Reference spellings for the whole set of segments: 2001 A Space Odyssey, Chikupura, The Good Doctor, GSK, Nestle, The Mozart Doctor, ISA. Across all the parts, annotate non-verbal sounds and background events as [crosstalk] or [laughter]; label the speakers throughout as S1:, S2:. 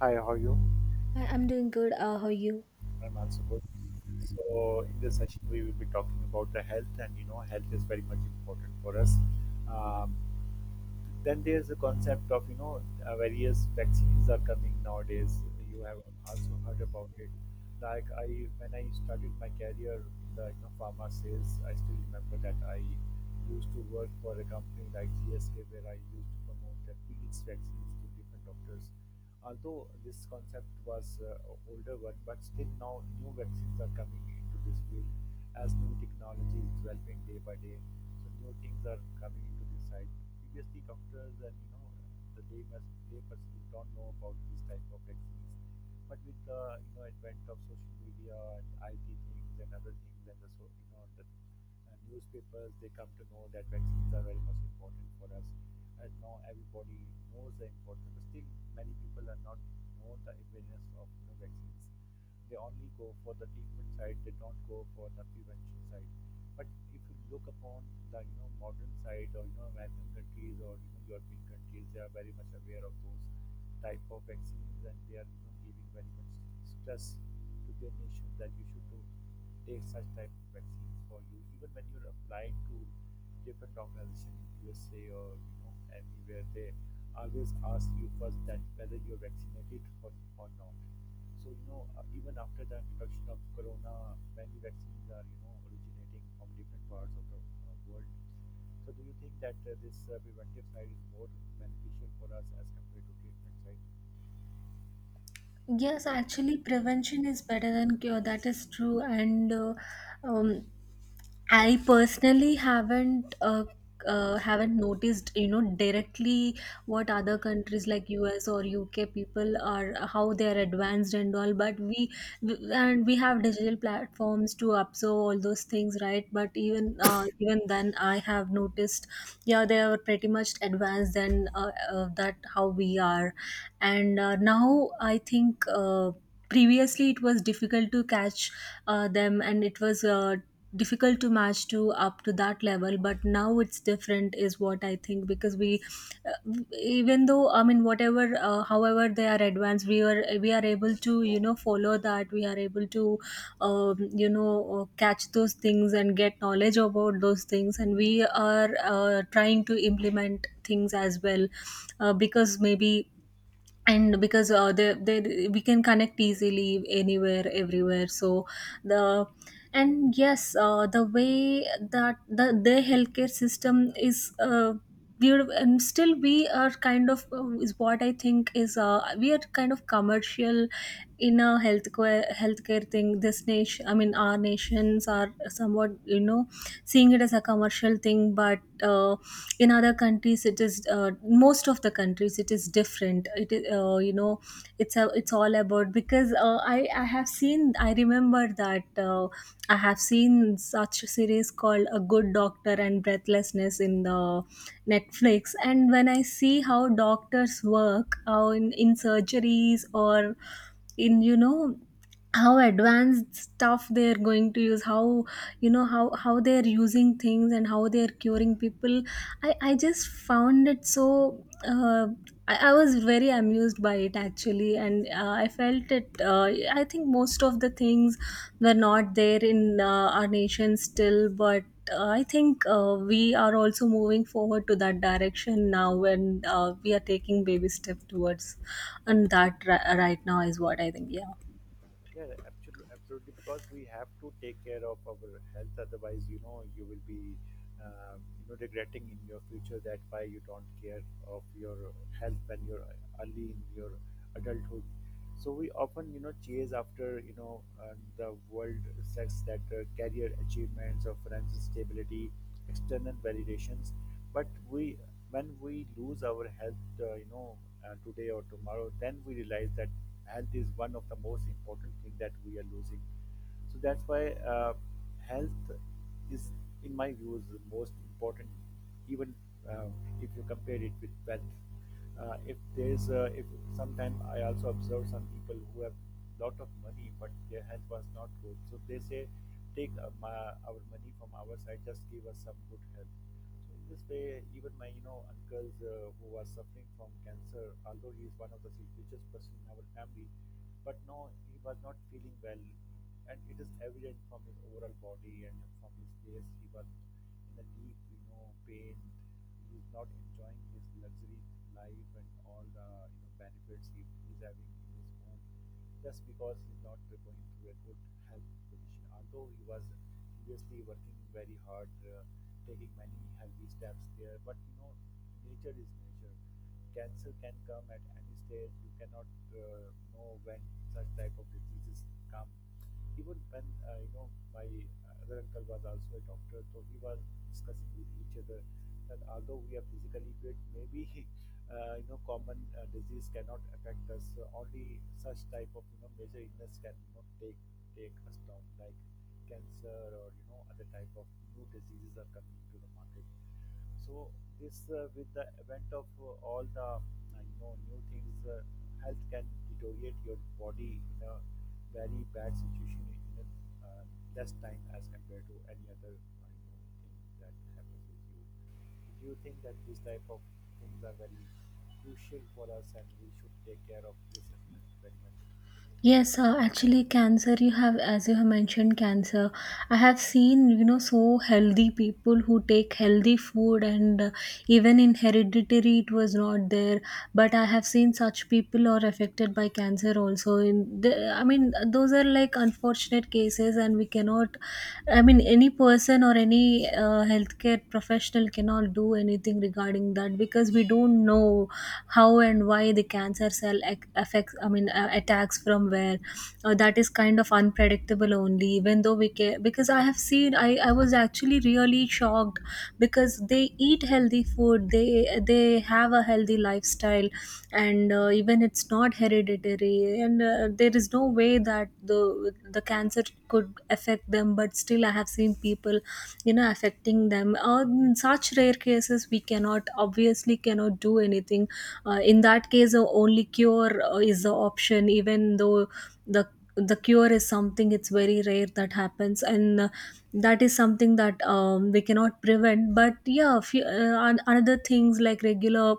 S1: Hi, how are you?
S2: I'm doing good. How are you?
S1: I'm also good. So in this session, we will be talking about the health, and you know, health is very much important for us. Um, Then there's the concept of you know various vaccines are coming nowadays. You have also heard about it. Like I, when I started my career in the you know, pharma sales, I still remember that I used to work for a company like GSK where I used to promote the PH vaccines to different doctors. Although this concept was older one, but still now new vaccines are coming into this field as new technology is developing day by day. So new things are coming into this side, previously doctors and you know the laymen, laypersons don't know about these type of vaccines. But with the you know advent of social media and IT things and other things and the so you know the newspapers, they come to know that vaccines are very much important for us. And now everybody knows the importance, but still many people are not know the awareness of you know, vaccines. They only go for the treatment side. They don't go for the prevention side. But if you look upon the you know modern side or you know American countries or you know European countries, they are very much aware of those type of vaccines and they are you know giving very much stress to their nation that you should do, take such type of vaccines for you. Even when you're applying to different organizations in USA or you know anywhere, they always ask you first that whether you're vaccinated or not. So, you know, even after the introduction of corona, many vaccines are, you know, originating from different parts of the world. So, do you think that this preventive side is more beneficial for us as compared to treatment side?
S2: Yes, actually, prevention is better than cure. That is true. And um, I personally haven't noticed, you know, directly what other countries like US or UK people are how they are advanced and all. But we- and we have digital platforms to absorb all those things, right? But even then, I have noticed, yeah, they are pretty much advanced than that how we are, and now I think. Previously it was difficult to catch them, and it was difficult to match to up to that level, but now it's different is what I think, because we uh, even though I mean, whatever, however they are advanced, we are able to, you know, follow that. We are able to um, you know catch those things and get knowledge about those things, and we are trying to implement things as well, because maybe and because they we can connect easily anywhere everywhere. So the and yes, the way that the their healthcare system is beautiful, and still we are kind of is what I think is we are kind of commercial in a healthcare thing. This nation, I mean, our nations are somewhat, you know, seeing it as a commercial thing. But in other countries it is most of the countries it is different. It is you know, it's all about, because I have seen, I remember that I have seen such a series called A Good Doctor and Breathlessness in the Netflix, and when I see how doctors work, in surgeries or in, you know, how advanced stuff they're going to use, how, you know, how they're using things and how they're curing people, I just found it so I was very amused by it, actually. And uh, i felt it I think most of the things were not there in our nation still. But I think we are also moving forward to that direction now, and we are taking baby step towards, and that right now is what I think. Yeah.
S1: Yeah, absolutely, absolutely. Because we have to take care of our health. Otherwise, you know, you will be, you know, regretting in your future that why you don't care of your health when you're early in your adulthood. So we often, you know, chase after, you know, the world sex that career achievements or financial stability, external validations. But we when we lose our health you know today or tomorrow, then we realize that health is one of the most important thing that we are losing, so that's why uh, health is in my views the most important, even uh, if you compare it with wealth. If there's if sometime I also observe some people who have lot of money but their health was not good, so they say take my, our money from our side, just give us some good health. So in this way, even my you know uncles who was suffering from cancer, although he is one of the richest person in our family, but no, he was not feeling well, and it is evident from his overall body and from his face. He was in a deep you know pain. He is not enjoying his luxury life and all the you know benefits he is having in his home just because he's not going through a good health position. Although he was previously working very hard. Taking many healthy steps there. But you know, nature is nature. Cancer can come at any stage. You cannot know when such type of diseases come. Even when you know my other uncle was also a doctor, so we were discussing with each other that although we are physically fit, maybe [laughs] you know common disease cannot affect us. So only such type of you know major illness can you know, take us down like cancer or you know other type of new diseases are coming to the market, so this with the event of all the you know new things, health can deteriorate your body in a very bad situation in a uh, less time as compared to any other you know, thing that happens with you. Do you think that these type of things are very crucial for us and we should take care of this aspect very much?
S2: Yes, actually, cancer, you have, as you have mentioned, cancer. I have seen, you know, so healthy people who take healthy food, and even in hereditary, it was not there. But I have seen such people are affected by cancer also. In the, I mean, those are like unfortunate cases, and we cannot, I mean, any person or any healthcare professional cannot do anything regarding that, because we don't know how and why the cancer cell affects, I mean, attacks from where. That is kind of unpredictable only, even though we can, because I have seen, I was actually really shocked because they eat healthy food, they have a healthy lifestyle, and even it's not hereditary, and there is no way that the cancer could affect them, but still I have seen people, you know, affecting them. Or in such rare cases, we cannot obviously cannot do anything. In that case, the only cure is the option, even though the the cure is something, it's very rare that happens. And That is something that we cannot prevent. But yeah, few, another things like regular,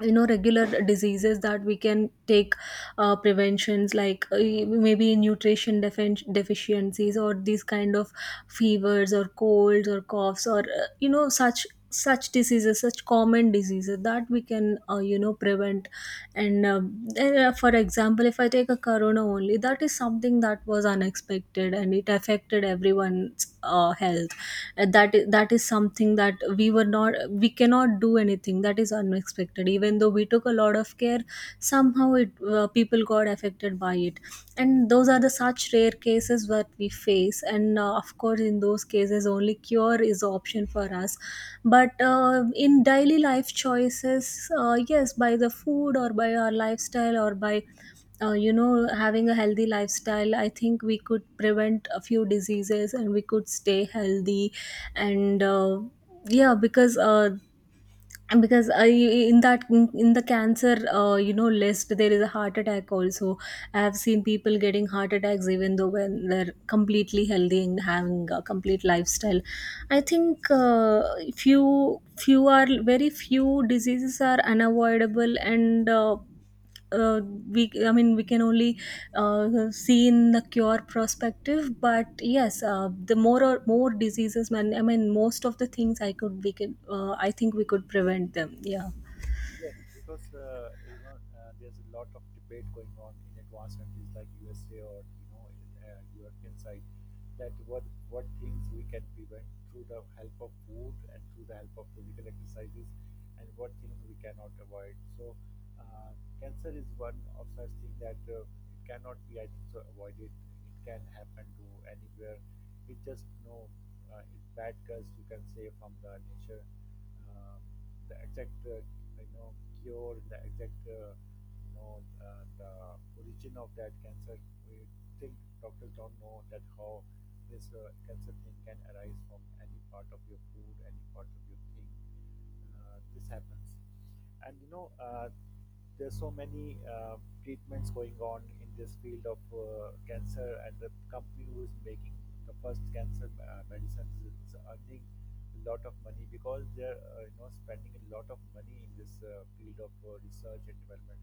S2: you know, regular diseases that we can take preventions, like maybe nutrition deficiencies, or these kind of fevers or colds or coughs, or you know, such diseases, such common diseases that we can, you know, prevent. And For example, if I take a corona only, that is something that was unexpected and it affected everyone health. And that that is something that we were not, we cannot do anything, that is unexpected. Even though we took a lot of care, somehow it people got affected by it. And those are the such rare cases that we face, and of course, in those cases, only cure is the option for us. But in daily life choices, yes, by the food or by our lifestyle or by, you know, having a healthy lifestyle, I think we could prevent a few diseases and we could stay healthy. And uh, yeah because uh, because I, in that in the cancer, you know, list, there is a heart attack also. I have seen people getting heart attacks even though when they're completely healthy and having a complete lifestyle. I think few are very few diseases are unavoidable, and uh, we, I mean, we can only uh, see in the cure perspective. But yes, the more or more diseases man, I mean, most of the things I could we could I think we could prevent them. Yeah.
S1: Yes, because you know there's a lot of debate going on in advanced countries like USA or you know European side, that what things we can prevent through the help of food and through the help of physical exercises, and what things we cannot avoid. So uh, cancer is one of such thing that it cannot be, I think, so avoided. It can happen to anywhere. It just no it's bad curse you can say from the nature. Uh, the exact you know cure, the exact you know the origin of that cancer. We think doctors don't know that how this cancer thing can arise from any part of your food, any part of your thing. This happens, and you know there's so many treatments going on in this field of cancer, and the company who is making the first cancer medicines is earning a lot of money because they're you know spending a lot of money in this field of research and development,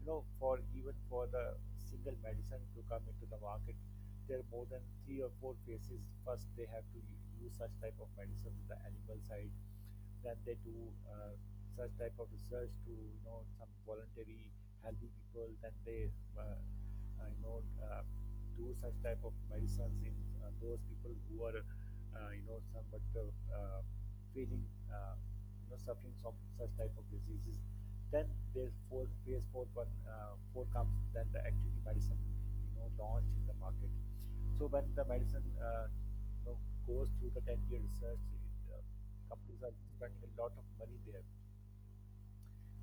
S1: you know, for even for the single medicine to come into the market, there are more than three or four phases. First, they have to use such type of medicine with the animal side. Then they do uh, such type of research to you know some voluntary healthy people. Then they uh, you know do such type of medicines in those people who are you know somewhat feeling you know suffering from such type of diseases. Then there's four, phase four, one four comes, then the activity medicine you know launched in the market. So when the medicine you know goes through the 10-year research, companies are spending a lot of money there.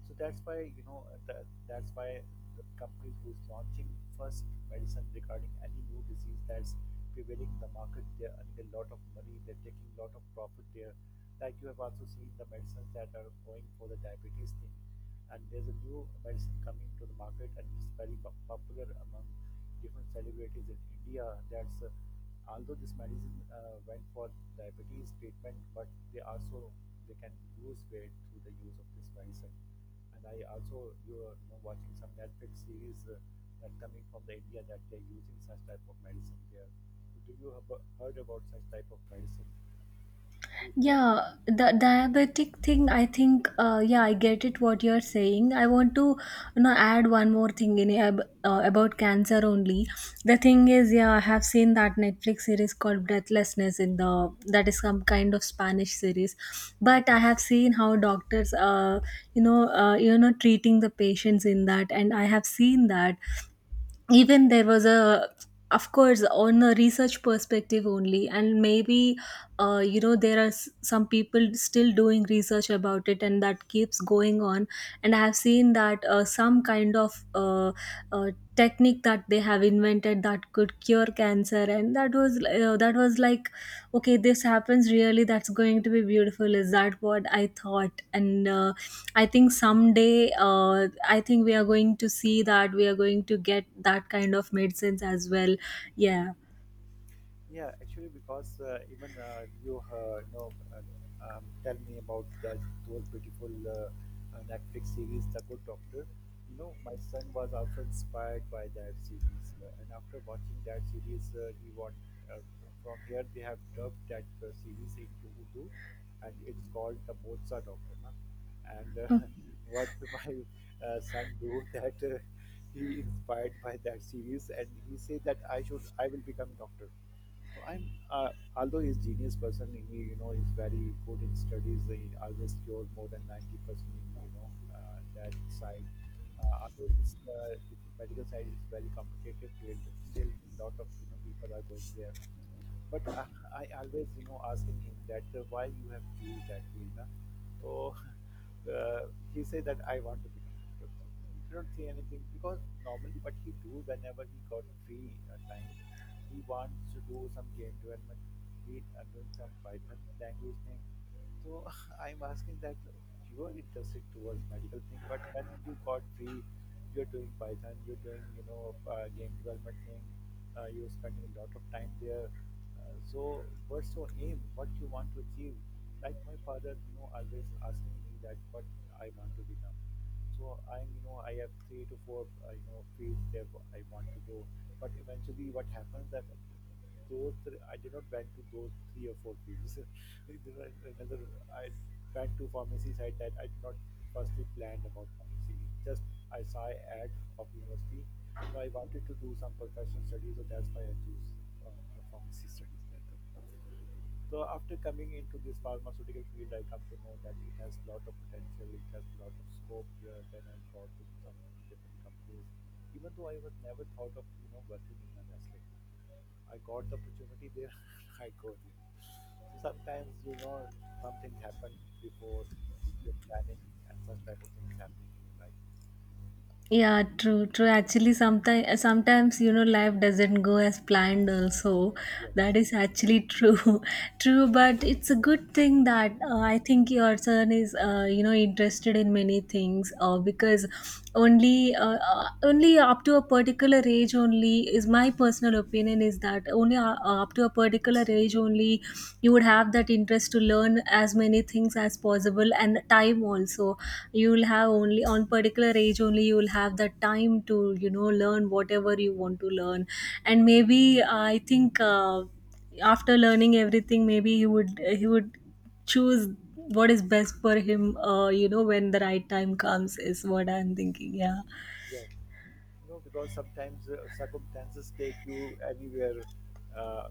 S1: So that's why you know that's why the companies who is launching first medicine regarding any new disease that's prevailing in the market, they're earning a lot of money. They're taking a lot of profit there. Like you have also seen the medicines that are going for the diabetes thing, and there's a new medicine coming to the market and it's very popular among different celebrities in India. That's although this medicine went for diabetes treatment, but they also they can lose weight through the use of this medicine. And I also you are you know, watching some Netflix series that coming from the India that they're using such type of medicine there. Do you have heard about such type of medicine through that?
S2: Yeah, the diabetic thing, I think, yeah, I get it what you're saying. I want to, you know, add one more thing about cancer only. The thing is, yeah, I have seen that Netflix series called Breathlessness in the, that is some kind of Spanish series. But I have seen how doctors, you know, treating the patients in that. And I have seen that even there was a, of course, on a research perspective only. And maybe you know, there are some people still doing research about it, and that keeps going on. And I have seen that some kind of uh, technique that they have invented that could cure cancer. And that was like, okay, this happens really, that's going to be beautiful is that what I thought. And I think someday, I think we are going to see that we are going to get that kind of medicines as well. Yeah.
S1: Yeah, actually, because even you know, tell me about that those beautiful Netflix series, The Good Doctor. You know, my son was also inspired by that series, and after watching that series, he want uh, from here they have dubbed that series into Urdu, and it's called The Mozart Doctor, na? And [laughs] what my son do that he inspired by that series, and he say that I will become doctor, so I'm, although he's genius person, he you know he's very good in studies. He always scored more than 90% in you know that side. Although this the medical side is very competitive field, still a lot of you know people are going there, but I always you know asking him that why you have choose that field, na? So [laughs] he said that I want to become doctor, so he did not say anything, because normally what he do whenever he got free time, he wants to do some game development, he doing some Python language thing. So [laughs] I'm asking that you are interested towards medical thing, but when you got free, you're doing Python, you're doing you know game development thing, you're spending a lot of time there. So, what's your aim? What you want to achieve? Like my father, you know, always asking me that what I want to become. So I'm, you know, I have three to four, you know, fields that I want to go. But eventually, what happens that okay, those three, I did not went to those three or four fields. [laughs] There was another, I went to pharmacy side that I did not firstly planned about pharmacy. Just I saw ad of university, so I wanted to do some professional studies, so that's why I choose uh, the pharmacy studies that time. So after coming into this pharmaceutical field, I come to know that it has a lot of potential, it has a lot of scope here. Then I got to some you know, different companies, even though I was never thought of you know working in a Nestle. I got the opportunity there, [laughs] I go there. So sometimes you know something happened before your planning, and such type of things happening in your life.
S2: Yeah, true, true. Actually, sometimes you know, life doesn't go as planned also. That
S1: Yes.
S2: is actually true. [laughs] True, but it's a good thing that I think your son is, you know, interested in many things, because only only up to a particular age only is my personal opinion, is that only up to a particular age only you would have that interest to learn as many things as possible. And time also, you will have only on particular age only, you will have the time to, you know, learn whatever you want to learn. And maybe I think after learning everything, maybe he would choose what is best for him, you know, when the right time comes is what I'm thinking. Yeah,
S1: Yes. You know, because sometimes circumstances take you anywhere, uh,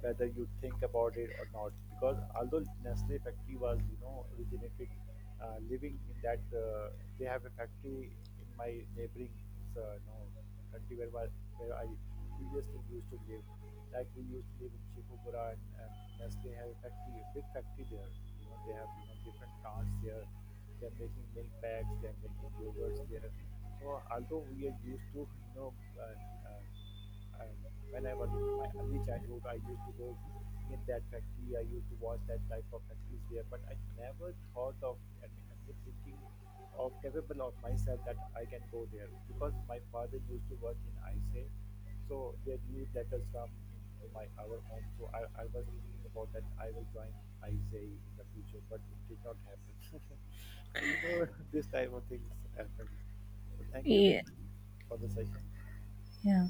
S1: whether you think about it or not. Because although Nestle factory was, you know, originated living in that, they have a factory in my neighboring, you know, country where, where I previously used to live. Like we used to live in Chikupura, and Nestle have a factory, a big factory there. You know, they have, you know, different plants there. They're making milk packs, they're making yogurts there, so although we are used to, you know, and, and, and when I was in my early childhood, I used to go in that factory. I used to watch that type of factories there, but I never thought of, and I'm just thinking of capable of myself that I can go there because my father used to work in ISA, so their newsletters come into my our home. So I was thinking about that I will join ISA in the future, but it did not happen. [laughs] So you know [laughs] this type of things happen. So thank you very
S2: yeah,
S1: much for the session.
S2: yeah.